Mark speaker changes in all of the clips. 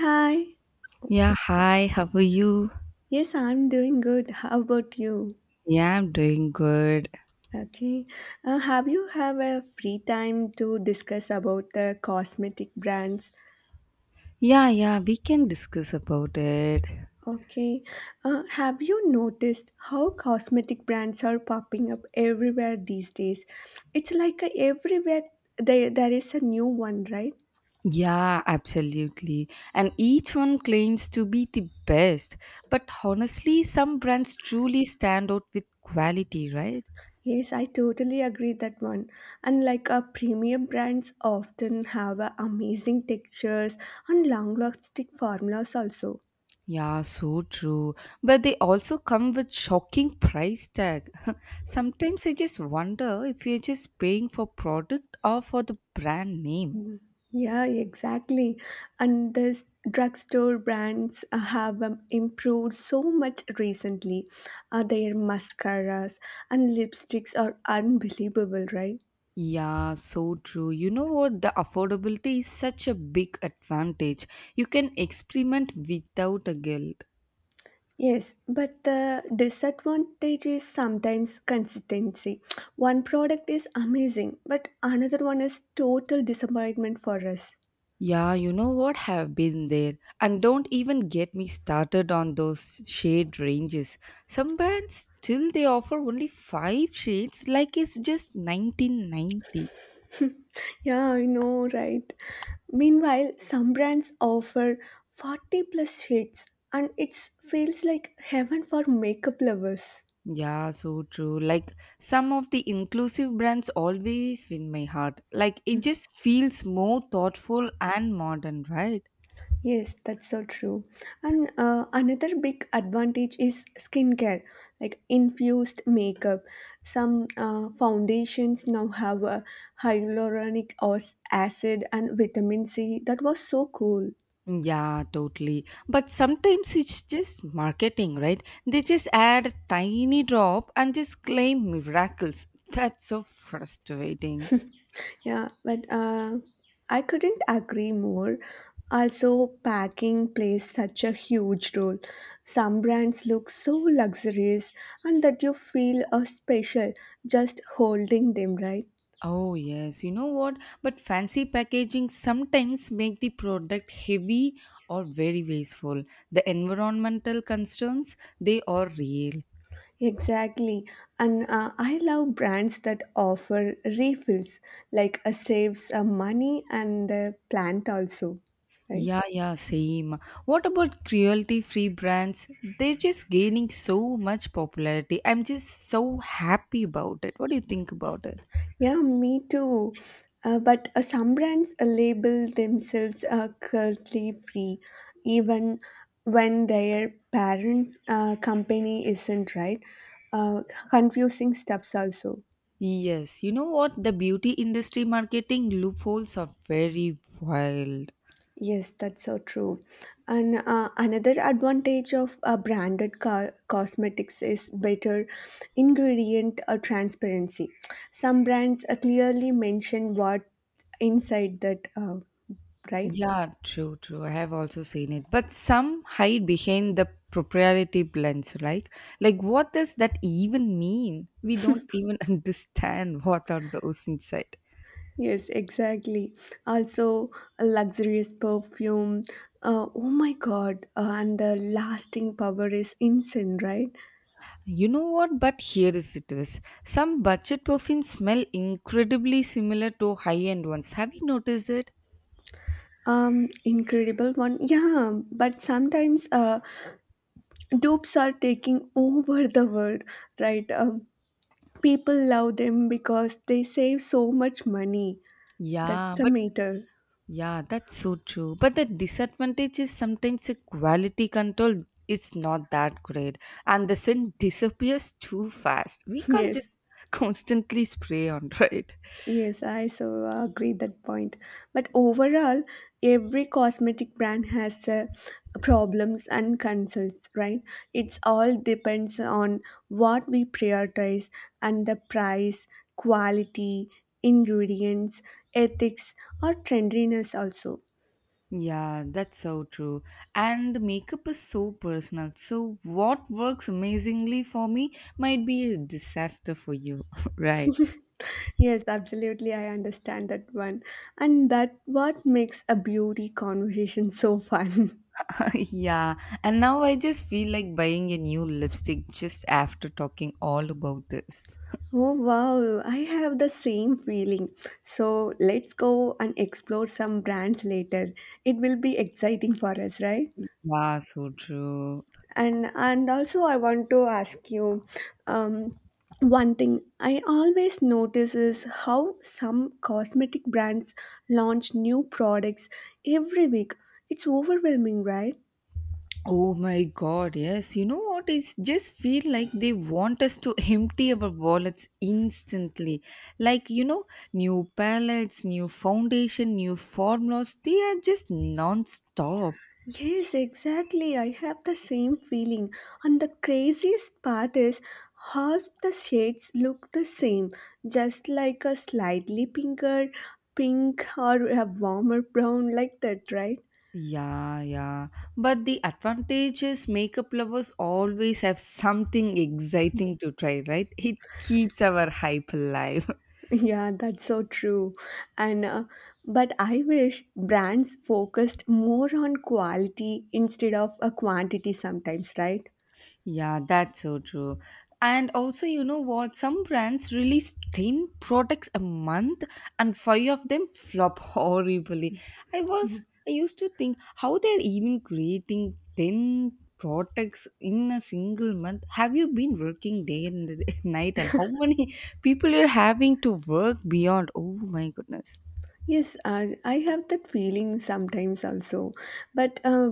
Speaker 1: Hi.
Speaker 2: Yeah, hi, how are you?
Speaker 1: Yes, I'm doing good. How about you?
Speaker 2: Yeah, I'm doing good.
Speaker 1: Okay. Have you have a free time to discuss about the cosmetic brands?
Speaker 2: Yeah, yeah, we can discuss about it.
Speaker 1: Okay. Have you noticed how cosmetic brands are popping up everywhere these days? It's like a, everywhere there is a new one, right?
Speaker 2: Yeah, absolutely. And each one claims to be the best, but honestly, some brands truly stand out with quality, right?
Speaker 1: Yes, I totally agree that one. And like our premium brands often have amazing textures and long-lasting formulas also.
Speaker 2: Yeah, so true. But they also come with shocking price tag. Sometimes I just wonder if you're just paying for product or for the brand name.
Speaker 1: Yeah, exactly. And this drugstore brands have improved so much recently. Their mascaras and lipsticks are unbelievable, right?
Speaker 2: Yeah, so true. You know what? The affordability is such a big advantage. You can experiment without a guilt.
Speaker 1: Yes, but the disadvantage is sometimes consistency. One product is amazing, but another one is total disappointment for us.
Speaker 2: Yeah, you know what? Have been there. And don't even get me started on those shade ranges. Some brands still they offer only 5 shades like it's just 1990.
Speaker 1: Yeah, I know, right? Meanwhile, some brands offer 40 plus shades and it feels like heaven for makeup lovers.
Speaker 2: Yeah, so true. Like some of the inclusive brands always win my heart. Like it just feels more thoughtful and modern, right?
Speaker 1: Yes, that's so true. And another big advantage is skincare, like infused makeup. Some foundations now have a acid and vitamin C. That was so cool.
Speaker 2: Yeah, totally. But sometimes it's just marketing, right? They just add a tiny drop and just claim miracles. That's so frustrating.
Speaker 1: Yeah, but I couldn't agree more. Also, packing plays such a huge role. Some brands look so luxurious and that you feel special just holding them, right?
Speaker 2: Oh yes, you know what? But fancy packaging sometimes make the product heavy or very wasteful. The environmental concerns, they are real.
Speaker 1: Exactly. And I love brands that offer refills, like saves money and the plant also, right?
Speaker 2: Yeah, yeah, same. What about cruelty-free brands? They're just gaining so much popularity. I'm just so happy about it. What do you think about it?
Speaker 1: Yeah, me too. But some brands label themselves currently free, even when their parent company isn't, right? Uh, Confusing stuffs also.
Speaker 2: Yes, you know what? The beauty industry marketing loopholes are very wild.
Speaker 1: Yes, that's so true. And another advantage of branded cosmetics is better ingredient transparency. Some brands clearly mention what inside that, right?
Speaker 2: Yeah, true, true. I have also seen it. But some hide behind the proprietary blends, right? Like, what does that even mean? We don't even understand what are those inside.
Speaker 1: Yes, exactly. Also, a luxurious perfume. Oh my God! And the lasting power is insane, right?
Speaker 2: You know what? But here is it is. Some budget perfumes smell incredibly similar to high end ones. Have you noticed it?
Speaker 1: Incredible one. Yeah, but sometimes dupes are taking over the world, right? People love them because they save so much money. That's
Speaker 2: Yeah,
Speaker 1: the
Speaker 2: but
Speaker 1: matter.
Speaker 2: yeah, that's so true. But the disadvantage is sometimes the quality control is not that great, and the scent disappears too fast. We can't
Speaker 1: Yes.
Speaker 2: just constantly spray on, right?
Speaker 1: Yes, I so agree that point. But overall, every cosmetic brand has problems and concerns, right? It's all depends on what we prioritize and the price, quality, ingredients, ethics, or trendiness also.
Speaker 2: Yeah, that's so true. And the makeup is so personal. So, what works amazingly for me might be a disaster for you, right?
Speaker 1: Yes, absolutely. I understand that one. And that what makes a beauty conversation so fun.
Speaker 2: yeah, and now I just feel like buying a new lipstick just after talking all about this.
Speaker 1: Oh wow, I have the same feeling. So let's go and explore some brands later. It will be exciting for us, right?
Speaker 2: Yeah, so true.
Speaker 1: And also I want to ask you um one thing I always notice is how some cosmetic brands launch new products every week. It's overwhelming, right?
Speaker 2: Oh my god, yes. You know what? It's just feel like they want us to empty our wallets instantly. Like, you know, new palettes, new foundation, new formulas, they are just non stop.
Speaker 1: Yes, exactly. I have the same feeling. And the craziest part is half the shades look the same, just like a slightly pinker pink or a warmer brown like that, right?
Speaker 2: Yeah, yeah. But the advantage is makeup lovers always have something exciting to try, right? It keeps our hype alive.
Speaker 1: Yeah, that's so true. And but I wish brands focused more on quality instead of a quantity sometimes, right?
Speaker 2: Yeah, that's so true. And also, you know what? Some brands release 10 products a month and five of them flop horribly. I used to think how they're even creating 10 products in a single month. Have you been working day and night? And how many people you're having to work beyond? Oh my goodness.
Speaker 1: Yes, I have that feeling sometimes also. But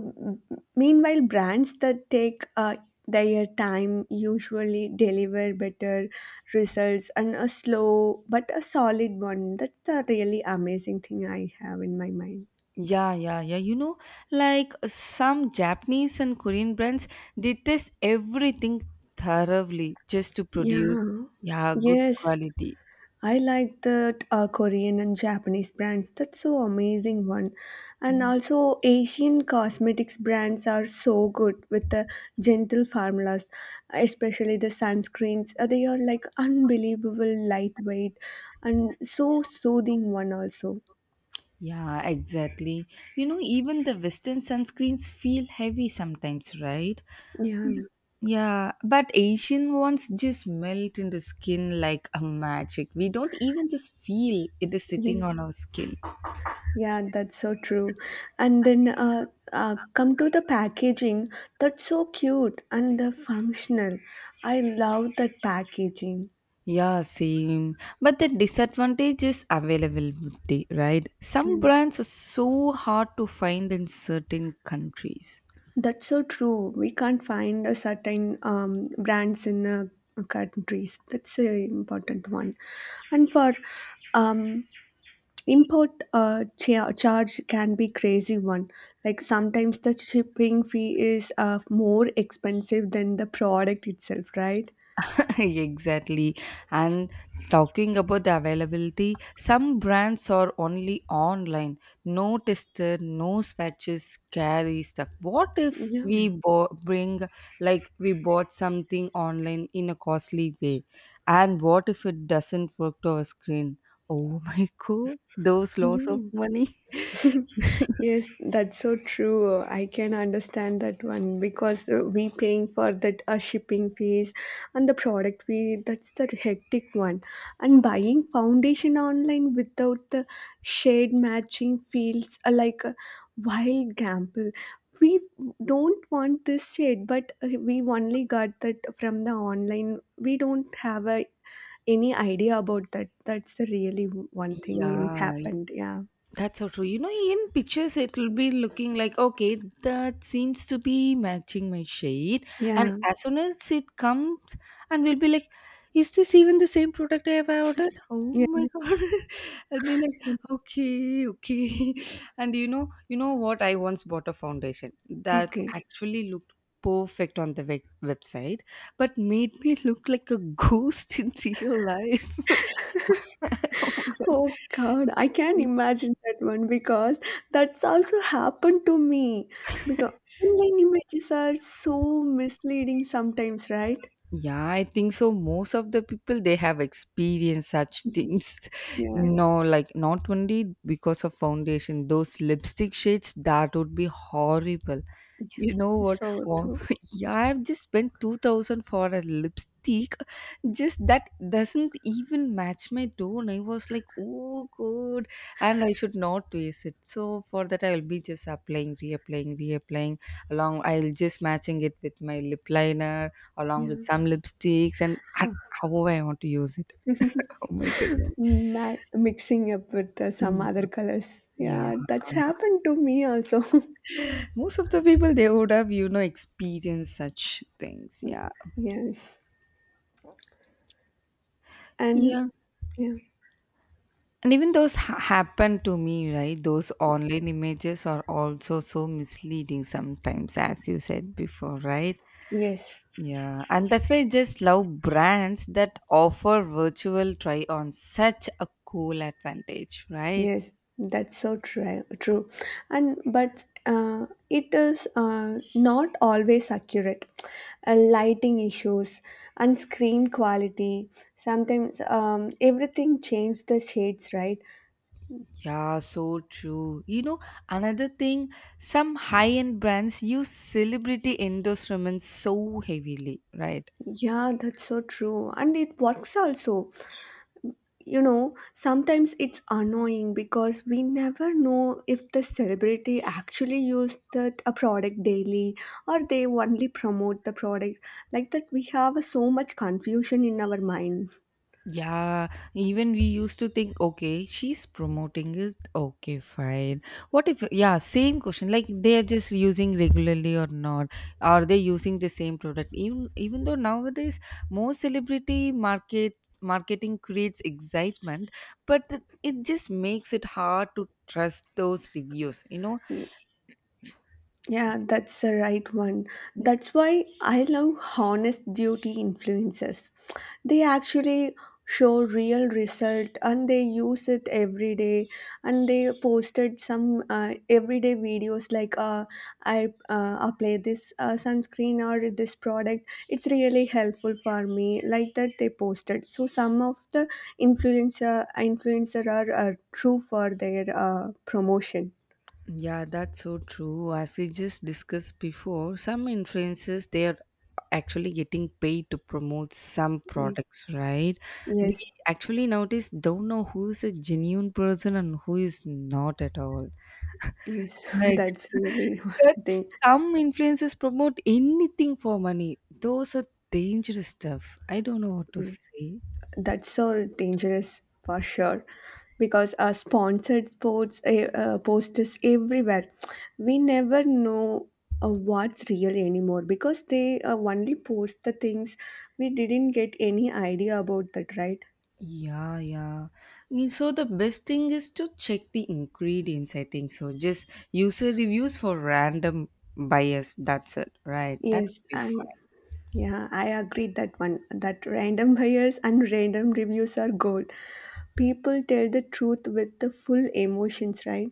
Speaker 1: Meanwhile, brands that take their time usually deliver better results and a slow but a solid one. That's the really amazing thing I have in my mind.
Speaker 2: Yeah, yeah, yeah. You know, like some Japanese and Korean brands, they test everything thoroughly just to produce,
Speaker 1: Yeah.
Speaker 2: yeah, good
Speaker 1: Yes,
Speaker 2: quality.
Speaker 1: I like that Korean and Japanese brands. That's so amazing one. And
Speaker 2: Mhm.
Speaker 1: also Asian cosmetics brands are so good with the gentle formulas, especially the sunscreens. They are like unbelievable lightweight and so soothing one also.
Speaker 2: Yeah, exactly. You know, even the Western sunscreens feel heavy sometimes, right? Yeah,
Speaker 1: Yeah.
Speaker 2: Yeah, but Asian ones just melt into skin like a magic. We don't even just feel it is
Speaker 1: Yeah.
Speaker 2: sitting on our skin.
Speaker 1: Yeah, that's so true. And then come to the packaging, that's so cute and the functional. I love that packaging.
Speaker 2: Yeah, same. But the disadvantage is availability, right? Some
Speaker 1: Yeah.
Speaker 2: brands are so hard to find in certain countries.
Speaker 1: That's so true. We can't find a certain brands in countries. That's an important one. And for um, import charge can be crazy one. Like sometimes the shipping fee is more expensive than the product itself, right?
Speaker 2: exactly. And talking about the availability, some brands are only online. No tester, no swatches, scary stuff. What if
Speaker 1: Yeah.
Speaker 2: we bring, like, we bought something online in a costly way? And what if it doesn't work to our screen? Oh my god, those loss of
Speaker 1: Yeah.
Speaker 2: money.
Speaker 1: Yes, that's so true. I can understand that one because we paying for that shipping fees and the product fee. That's the hectic one. And buying foundation online without the shade matching feels like a wild gamble. We don't want this shade, but we only got that from the online. We don't have a, any idea about that. That's the really one thing in
Speaker 2: yeah,
Speaker 1: happened. Yeah,
Speaker 2: that's so true. You know, in pictures, it'll be looking like, okay, that seems to be matching my shade. And
Speaker 1: yeah,
Speaker 2: as soon as it comes, and we'll be like, is this even the same product I have ordered? Oh my
Speaker 1: yeah.
Speaker 2: god! I'll be like, okay, okay. And you know what? I once bought a foundation that
Speaker 1: Okay.
Speaker 2: actually looked perfect on the website, but made me look like a ghost in real life. oh my
Speaker 1: Oh God, I can
Speaker 2: god!
Speaker 1: imagine that one because that's also happened to me. Because online images are so misleading sometimes, right?
Speaker 2: Yeah, I think so. Most of the people they have experienced such things.
Speaker 1: Yeah,
Speaker 2: No, like not only because of foundation, those lipstick shades that would be horrible. You know what?
Speaker 1: so
Speaker 2: Wow.
Speaker 1: true.
Speaker 2: Yeah, I've just spent 2000 for a lipstick. Just that doesn't even match my tone. I was like, oh, good. And I should not waste it. So for that, I'll be just applying, reapplying, reapplying. Along, I'll just matching it with my lip liner, along with
Speaker 1: Yeah.
Speaker 2: some lipsticks, and
Speaker 1: Ah,
Speaker 2: however I want to use it. Oh my goodness.
Speaker 1: Ma mixing up with some
Speaker 2: Mm,
Speaker 1: other colors.
Speaker 2: yeah.
Speaker 1: Yeah, that's happened to me also.
Speaker 2: Most of the people, they would have, you know, experienced such things. Yeah.
Speaker 1: Yes. And
Speaker 2: Yeah.
Speaker 1: yeah,
Speaker 2: And even those happen to me, right? Those online images are also so misleading sometimes, as you said before, right?
Speaker 1: yes.
Speaker 2: Yeah, and that's why I just love brands that offer virtual try on such a cool advantage, right?
Speaker 1: Yes, that's so true. True, and but it is not always accurate. Lighting issues and screen quality. Sometimes everything changes the shades, right?
Speaker 2: Yeah, so true. You know, another thing, some high end brands use celebrity endorsements so heavily, right?
Speaker 1: Yeah, that's so true, and it works also. You know sometimes it's annoying because we never know if the celebrity actually used that a product daily or they only promote the product like that we have so much confusion in our mind.
Speaker 2: Yeah, even we used to think, okay, she's promoting it. Okay, fine. What if, yeah, same question. Like they are just using regularly or not? Are they using the same product? Even though nowadays more celebrity marketing creates excitement, but it just makes it hard to trust those reviews. You know,
Speaker 1: Yeah, that's the right one. That's why I love honest beauty influencers. They actually show real result and they use it every day and they posted some everyday videos like I apply this sunscreen or this product it's really helpful for me like that they posted so some of the influencer are true for their promotion.
Speaker 2: yeah, that's so true. As we just discussed before, some influencers they are actually getting paid to promote some products, right? We
Speaker 1: Yes.
Speaker 2: actually nowadays don't know who is a genuine person and who is not at all.
Speaker 1: Yes,
Speaker 2: Like
Speaker 1: that's really one
Speaker 2: that,
Speaker 1: thing.
Speaker 2: some influencers promote anything for money. Those are dangerous stuff. I don't know what to
Speaker 1: Yeah,
Speaker 2: say.
Speaker 1: that's so dangerous for sure because our sponsored sports posters everywhere. We never know what's real anymore because they only post the things we didn't get any idea about that, right?
Speaker 2: Yeah, yeah. Mm, so the best thing is to check the ingredients, I think so. Just user reviews for random bias. That's it, right? That
Speaker 1: Yes,
Speaker 2: would be fun.
Speaker 1: I agree that one that random buyers and random reviews are gold. People tell the truth with the full emotions, right?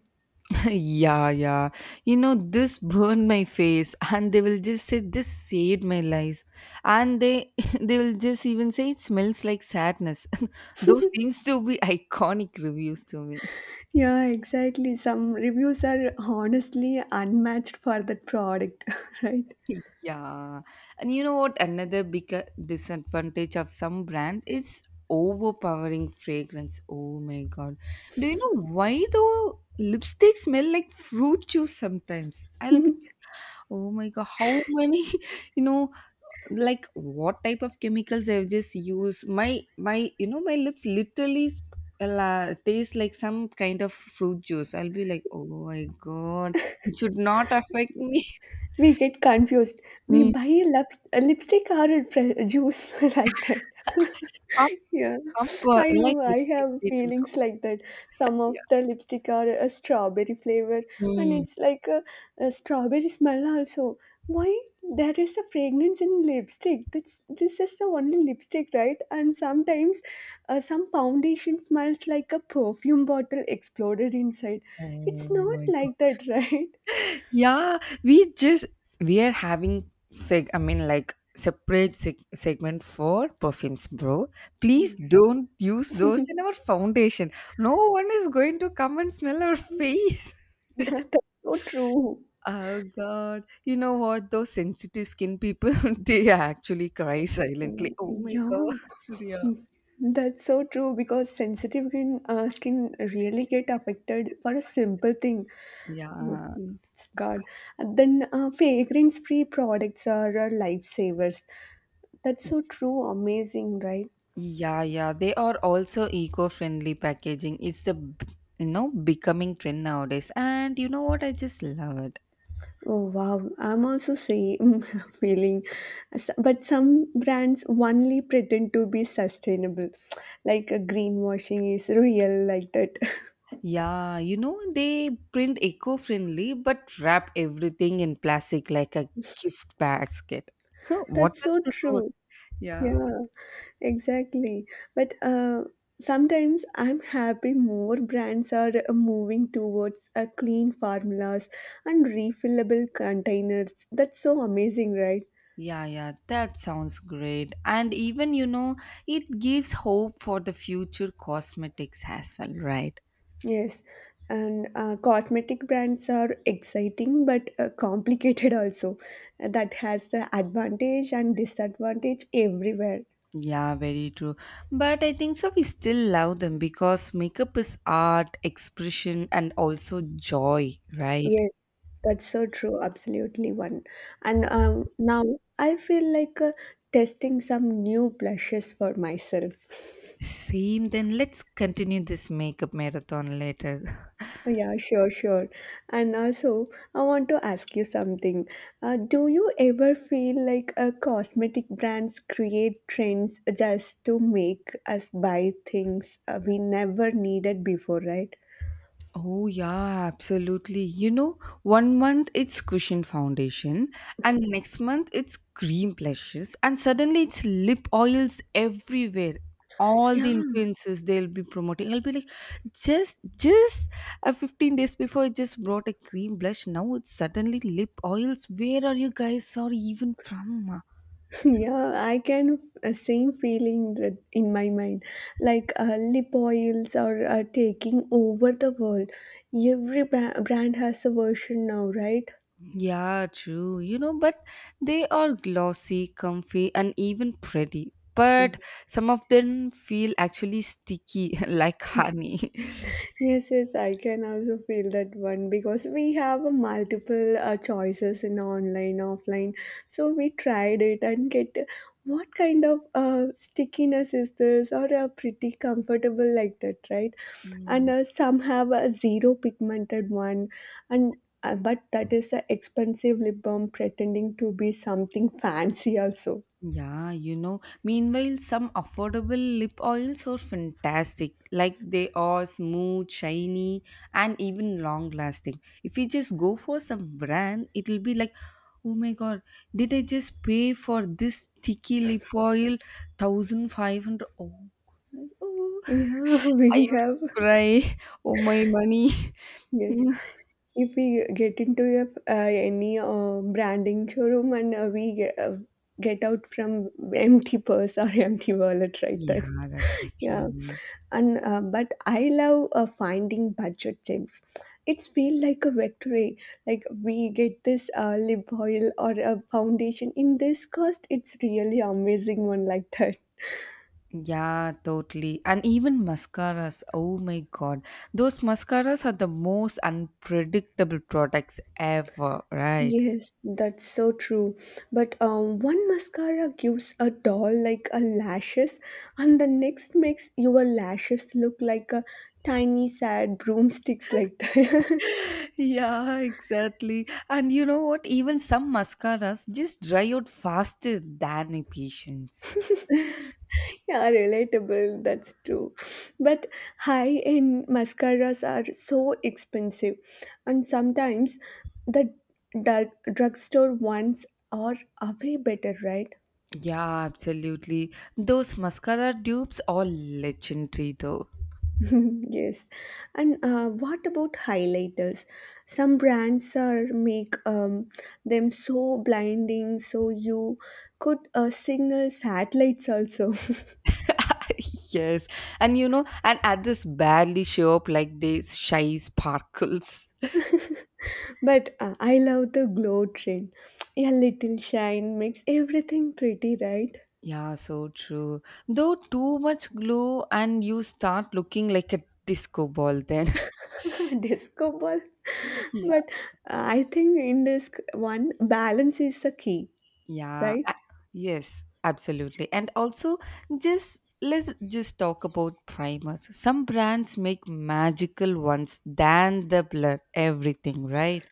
Speaker 2: yeah, yeah. You know, this burned my face and they will just say this saved my life. And they they will just even say it smells like sadness. Those seems to be iconic reviews to me.
Speaker 1: Yeah, exactly. Some reviews are honestly unmatched for that product, right?
Speaker 2: Yeah, and you know what? Another big disadvantage of some brand is overpowering fragrance. Oh my god! Do you know why though? Lipstick smell like fruit juice sometimes. I'll be oh my god! How many you know like what type of chemicals I've just used? My you know my lips literally. Taste like some kind of fruit juice, I'll be like oh my god, it should not affect me.
Speaker 1: We get confused. We
Speaker 2: Mm.
Speaker 1: buy a lipstick or a juice like that. Yeah,
Speaker 2: Some boy
Speaker 1: I
Speaker 2: like
Speaker 1: know. I
Speaker 2: lipsticks,
Speaker 1: have
Speaker 2: they do so
Speaker 1: feelings like that. Some
Speaker 2: yeah.
Speaker 1: of the lipstick are a strawberry flavor, and
Speaker 2: Mm.
Speaker 1: it's like a strawberry smell also. Why there is a fragrance in lipstick? That's this is the only lipstick, right? And sometimes, some foundation smells like a perfume bottle exploded inside. It's
Speaker 2: Oh
Speaker 1: not
Speaker 2: my god.
Speaker 1: like that, right?
Speaker 2: Yeah, we just we are having seg I mean like separate segment for perfumes, bro. Please don't use those in our foundation. No one is going to come and smell our face.
Speaker 1: Yeah, that's so true.
Speaker 2: Oh God. You know what? Those sensitive skin people, they actually cry silently. Oh my
Speaker 1: Yeah,
Speaker 2: God.
Speaker 1: that's so true because sensitive skin, skin really get affected for a simple thing.
Speaker 2: Yeah.
Speaker 1: Oh,
Speaker 2: Yeah.
Speaker 1: God. And then fragrance-free products are our lifesavers. That's so true. Amazing, right?
Speaker 2: Yeah, yeah, they are also eco-friendly packaging. It's a you know becoming trend nowadays, and you know what? I just love it.
Speaker 1: Oh, wow. I'm also saying feeling, but some brands only pretend to be sustainable, like greenwashing is real, like that.
Speaker 2: Yeah, you know they print eco-friendly but wrap everything in plastic like a gift basket. Huh, what
Speaker 1: That's
Speaker 2: is
Speaker 1: so
Speaker 2: the good?
Speaker 1: true.
Speaker 2: Yeah.
Speaker 1: Yeah. Exactly. But sometimes I'm happy more brands are moving towards clean formulas and refillable containers. That's so amazing, right?
Speaker 2: Yeah, yeah, that sounds great. And even, you know, it gives hope for the future cosmetics as well, right?
Speaker 1: Yes. And cosmetic brands are exciting but complicated also. That has the advantage and disadvantage everywhere.
Speaker 2: Yeah, very true. But I think so we still love them because makeup is art, expression, and also joy, right?
Speaker 1: Yes. That's so true, absolutely one. And now I feel like testing some new blushes for myself.
Speaker 2: Same, then let's continue this makeup marathon later.
Speaker 1: Yeah, sure, sure. And also, I want to ask you something. Do you ever feel like cosmetic brands create trends just to make us buy things we never needed before, right?
Speaker 2: Oh, yeah, absolutely. You know, one month it's cushion foundation, and next month it's cream blushes, and suddenly it's lip oils everywhere. All the
Speaker 1: Yeah,
Speaker 2: influences they'll be promoting. I'll be like, just 15 days before, I just brought a cream blush. Now it's suddenly lip oils. Where are you guys? Sorry, even from?
Speaker 1: yeah, I can same feeling that in my mind, like lip oils are taking over the world. Every brand has a version now, right?
Speaker 2: Yeah, true. You know, but they are glossy, comfy, and even pretty. But some of them feel actually sticky, like honey.
Speaker 1: Yes, yes, I can also feel that one because we have a multiple choices in online, offline. So we tried it and get what kind of stickiness is this or pretty comfortable like that, right? And
Speaker 2: Mm.
Speaker 1: some have a zero pigmented one, and but that is an expensive lip balm pretending to be something fancy also.
Speaker 2: Yeah, you know. Meanwhile, some affordable lip oils are fantastic. Like they are smooth, shiny, and even long lasting. If you just go for some brand, it'll be like, oh my god, did I just pay for this sticky lip oil? 1500. Oh, goodness. Oh,
Speaker 1: Yeah,
Speaker 2: I
Speaker 1: we
Speaker 2: used
Speaker 1: have
Speaker 2: to cry. Oh, my money.
Speaker 1: yes. If we get into any branding showroom and we get out from empty purse or empty wallet right that
Speaker 2: yeah, that's so
Speaker 1: yeah
Speaker 2: true.
Speaker 1: and but I love finding budget gems it's feel like a victory like we get this lip oil or a foundation in this cost it's really amazing one like that.
Speaker 2: Yeah, totally. And even mascaras. Oh my god. Those mascaras are the most unpredictable products ever, right?
Speaker 1: Yes, that's so true. But one mascara gives a doll like a lashes, and the next makes your lashes look like a tiny sad broomsticks like that.
Speaker 2: Yeah, exactly. And you know what? Even some mascaras just dry out faster than a patient's.
Speaker 1: Yeah, relatable. That's true. But high-end mascaras are so expensive, and sometimes the dark drugstore ones are way better, right?
Speaker 2: Yeah, absolutely. Those mascara dupes are legendary though.
Speaker 1: Yes. And what about highlighters? Some brands are make them so blinding, so you could signal satellites also.
Speaker 2: yes. And you know, and others barely show up like they shy sparkles.
Speaker 1: But I love the glow trend. A little shine makes everything pretty, right?
Speaker 2: Yeah, so true. Though too much glow and you start looking like a disco ball then.
Speaker 1: Disco ball.
Speaker 2: Yeah.
Speaker 1: But I think in this one, balance is the key,
Speaker 2: yeah.
Speaker 1: right?
Speaker 2: Yes, absolutely. And also just let's just talk about primers. Some brands make magical ones than the blur everything, right?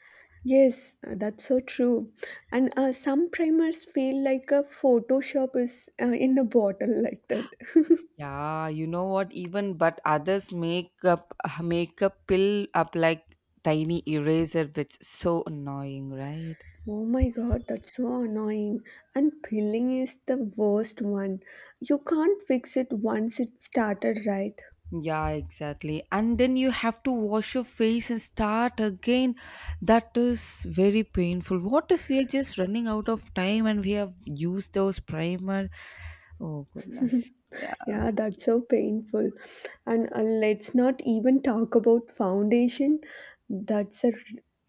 Speaker 1: Yes, that's so true. And some primers feel like a Photoshop is in a bottle like that.
Speaker 2: Yeah, you know what? Even but others make up make a pill up like tiny eraser, which so annoying, right?
Speaker 1: Oh my god, that's so annoying. And peeling is the worst one. You can't fix it once it started, right?
Speaker 2: Yeah, exactly. And then you have to wash your face and start again. That is very painful. What if we are just running out of time and we have used those primer? Oh goodness. Yeah.
Speaker 1: Yeah, that's so painful. And let's not even talk about foundation. That's a r-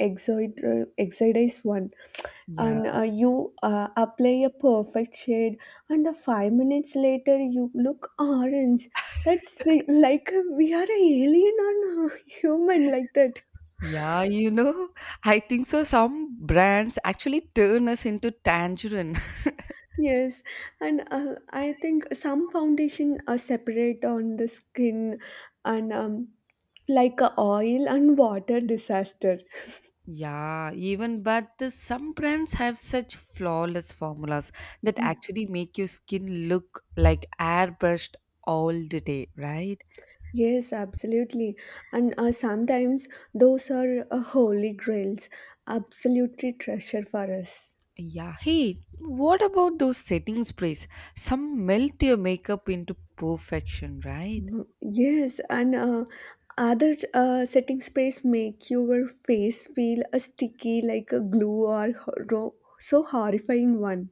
Speaker 1: exoid uh, exoidized one. And
Speaker 2: Yeah.
Speaker 1: uh, you apply a perfect shade, and 5 minutes later you look orange. That's like we are an alien or a human like that.
Speaker 2: Yeah, you know, I think so some brands actually turn us into tangerine.
Speaker 1: Yes, and I think some foundation are separate on the skin and like a oil and water disaster.
Speaker 2: Yeah, even but the some brands have such flawless formulas that actually make your skin look like airbrushed all the day, right?
Speaker 1: Yes, absolutely. And sometimes those are holy grails, absolutely treasure for us.
Speaker 2: Yeah, hey, what about those setting sprays? Some melt your makeup into perfection, right?
Speaker 1: Mm, yes, and other setting sprays make your face feel sticky like a glue or so horrifying one.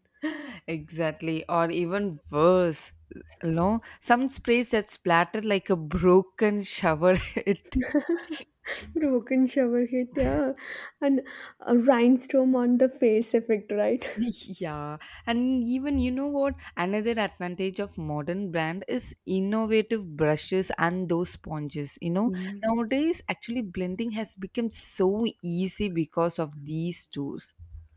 Speaker 2: Exactly, or even worse, you know, some sprays that splatter like a broken shower head.
Speaker 1: Broken shower head, yeah. And a rainstorm on the face effect, right?
Speaker 2: Yeah, and even you know what? Another advantage of modern brand is innovative brushes and those sponges. You know,
Speaker 1: Yeah.
Speaker 2: nowadays actually blending has become so easy because of these tools.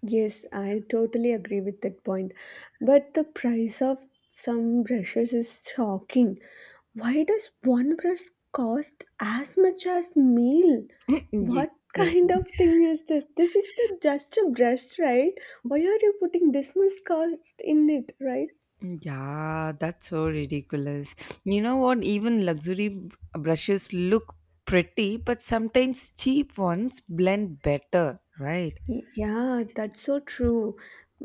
Speaker 1: Yes, I totally agree with that point. But the price of some brushes is shocking. Why does one brush cost as much as meal?
Speaker 2: Yeah,
Speaker 1: What kind
Speaker 2: exactly.
Speaker 1: of thing is this? This is the just a brush, right? Why are you putting this much cost in it, right?
Speaker 2: Yeah, that's so ridiculous. You know what? Even luxury brushes look pretty, but sometimes cheap ones blend better, right?
Speaker 1: Yeah, that's so true.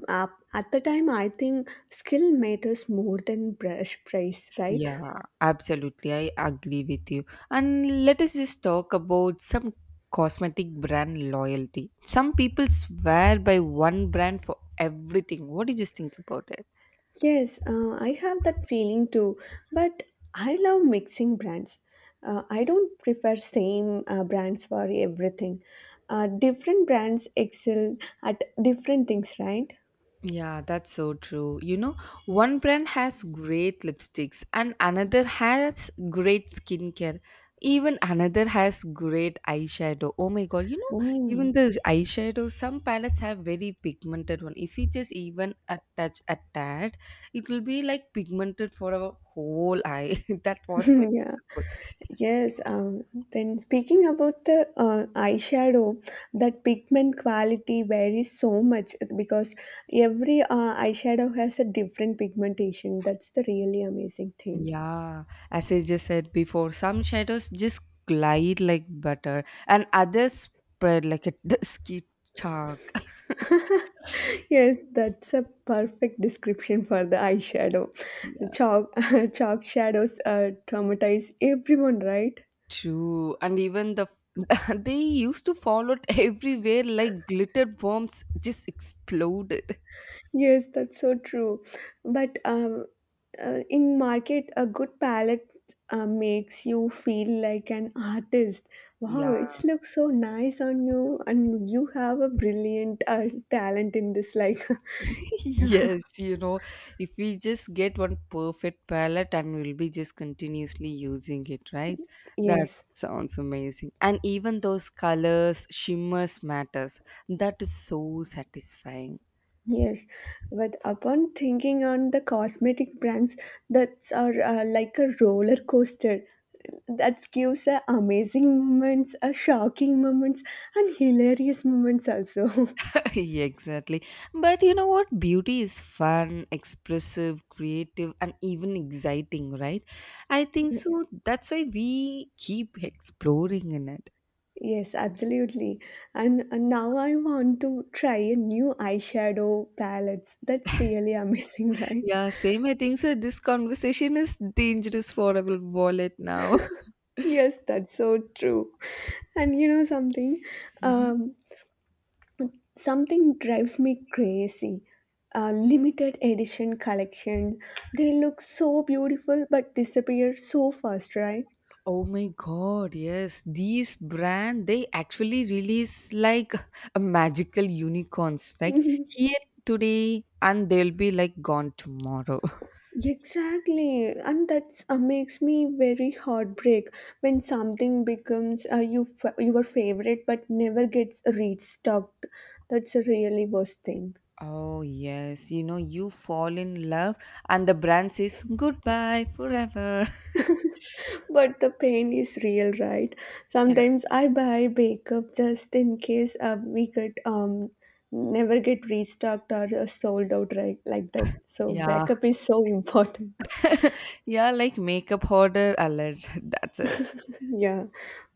Speaker 1: Uh, at the time, I think skill matters more than brush price, right?
Speaker 2: Yeah, absolutely. I agree with you. And let us just talk about some cosmetic brand loyalty. Some people swear by one brand for everything. What do you just think about it?
Speaker 1: Yes, I have that feeling too. But I love mixing brands. I don't prefer same brands for everything. Different brands excel at different things, right?
Speaker 2: Yeah, that's so true. You know, one brand has great lipsticks, and another has great skincare. Even another has great eyeshadow. Oh my god, you know,
Speaker 1: Oh,
Speaker 2: even the eyeshadow, some palettes have very pigmented one. If you just even a touch a tad, it will be like pigmented for a whole eye. That was very
Speaker 1: yeah.
Speaker 2: helpful.
Speaker 1: Yes, then speaking about the eyeshadow, that pigment quality varies so much because every eyeshadow has a different pigmentation. That's the really amazing thing.
Speaker 2: Yeah, as I just said before, some shadows just glide like butter, and others spread like a dusky chalk.
Speaker 1: Yes, that's a perfect description for the eyeshadow. The
Speaker 2: Yeah,
Speaker 1: chalk, chalk shadows traumatize everyone, right?
Speaker 2: true. And even the they used to fall out everywhere like glitter bombs just exploded.
Speaker 1: Yes, that's so true. But in market, a good palette makes you feel like an artist. Wow, it
Speaker 2: Yeah.
Speaker 1: looks so nice on you, and you have a brilliant talent in this. Like,
Speaker 2: Yes, you know, if we just get one perfect palette and we'll be just continuously using it, right? That
Speaker 1: yes,
Speaker 2: sounds amazing. And even those colors, shimmers matters. That is so satisfying.
Speaker 1: yes. But upon thinking on the cosmetic brands, that's are like a roller coaster. That gives amazing moments, shocking moments, and hilarious moments also.
Speaker 2: Yeah, exactly. But you know what? Beauty is fun, expressive, creative, and even exciting, right? I think so. That's why we keep exploring in it.
Speaker 1: Yes, absolutely. And now I want to try a new eyeshadow palettes. That's really amazing, right?
Speaker 2: Yeah, same. I think so. This conversation is dangerous for our wallet now.
Speaker 1: Yes, that's so true. And you know something?
Speaker 2: Mhm.
Speaker 1: Um, something drives me crazy. Limited edition collection. They look so beautiful but disappear so fast, right?
Speaker 2: Oh my god, yes. These brand they actually release like a magical unicorns. Like here today and they'll be like gone tomorrow.
Speaker 1: Exactly, and that makes me very heartbreak when something becomes your favorite but never gets restocked. That's a really worst thing.
Speaker 2: Oh yes, you know you fall in love and the brand says goodbye forever.
Speaker 1: But the pain is real, right?
Speaker 2: Yeah.
Speaker 1: Sometimes I buy makeup just in case we could never get restocked or sold out right like that. So
Speaker 2: Yeah.
Speaker 1: backup is so important.
Speaker 2: Yeah, like makeup order alert. That's it.
Speaker 1: Yeah,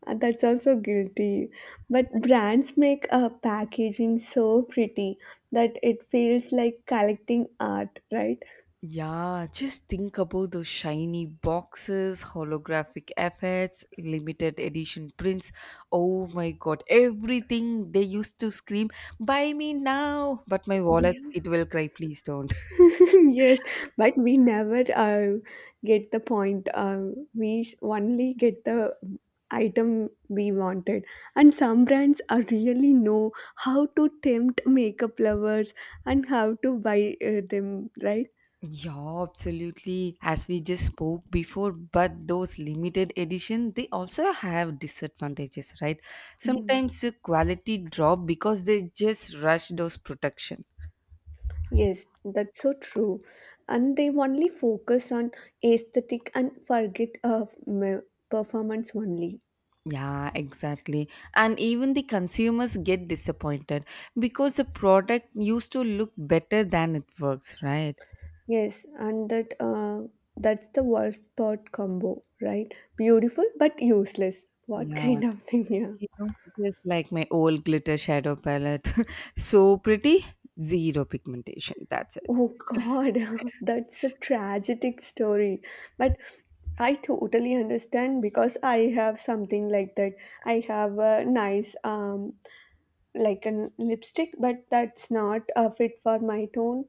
Speaker 1: that's also guilty. But brands make a packaging so pretty that it feels like collecting art, right?
Speaker 2: Yeah, just think about those shiny boxes, holographic effects, limited edition prints. Oh my god, everything they used to scream, buy me now! But my wallet,
Speaker 1: Yeah.
Speaker 2: it will cry, please don't.
Speaker 1: Yes, but we never get the point. We only get the item we wanted. And some brands are really know how to tempt makeup lovers and how to buy them, right?
Speaker 2: Yeah, absolutely. As we just spoke before, but those limited edition, they also have disadvantages, right? Sometimes the quality drop because they just rush those production.
Speaker 1: Yes, that's so true. And they only focus on aesthetic and forget of performance only.
Speaker 2: Yeah, exactly. And even the consumers get disappointed because the product used to look better than it works, right?
Speaker 1: Yes, and that that's the worst part combo, right? Beautiful but useless. What
Speaker 2: Yeah,
Speaker 1: kind of thing, yeah?
Speaker 2: you know, just like my old glitter shadow palette. So pretty, zero pigmentation. That's it.
Speaker 1: Oh God, that's a tragic story. But I totally understand because I have something like that. I have a nice like a lipstick, but that's not a fit for my tone.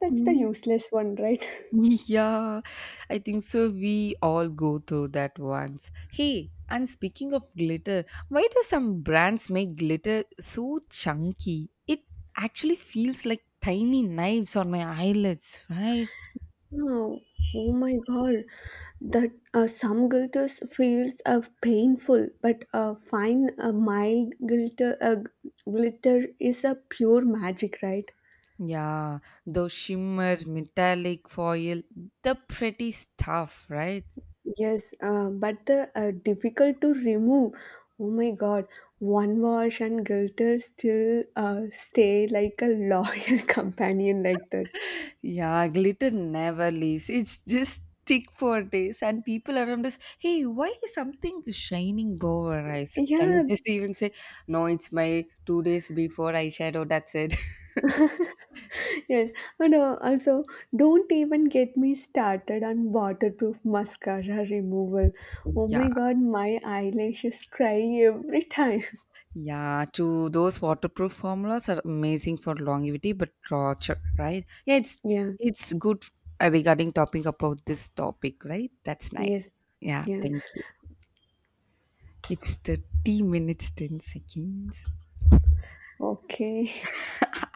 Speaker 1: That's the
Speaker 2: Mm.
Speaker 1: useless one, right?
Speaker 2: Yeah, I think so. We all go through that once. Hey, and speaking of glitter, why do some brands make glitter so chunky? It actually feels like tiny knives on my eyelids, right?
Speaker 1: Oh, oh my God. That some glitters feels painful, but a fine, a mild glitter, glitter is a pure magic, right?
Speaker 2: Yeah, those shimmer, metallic foil, the pretty stuff, right?
Speaker 1: Yes, but the difficult to remove. Oh my God, one wash and glitter still stay like a loyal companion like that.
Speaker 2: Yeah, glitter never leaves. It's just stick for days, and people around us, hey, why is something shining above our eyes? Can
Speaker 1: Yeah,
Speaker 2: we just even say, no, it's my 2 days before eyeshadow, that's it.
Speaker 1: yes, and also don't even get me started on waterproof mascara removal. Oh
Speaker 2: Yeah,
Speaker 1: my god, my eyelashes cry every time.
Speaker 2: yeah, to those waterproof formulas are amazing for longevity, but torture, right? Yeah, it's
Speaker 1: Yeah,
Speaker 2: it's good regarding topping about this topic, right? That's nice.
Speaker 1: yes,
Speaker 2: Yeah,
Speaker 1: yeah.
Speaker 2: thank you. It's 30 minutes, 10 seconds.
Speaker 1: Okay.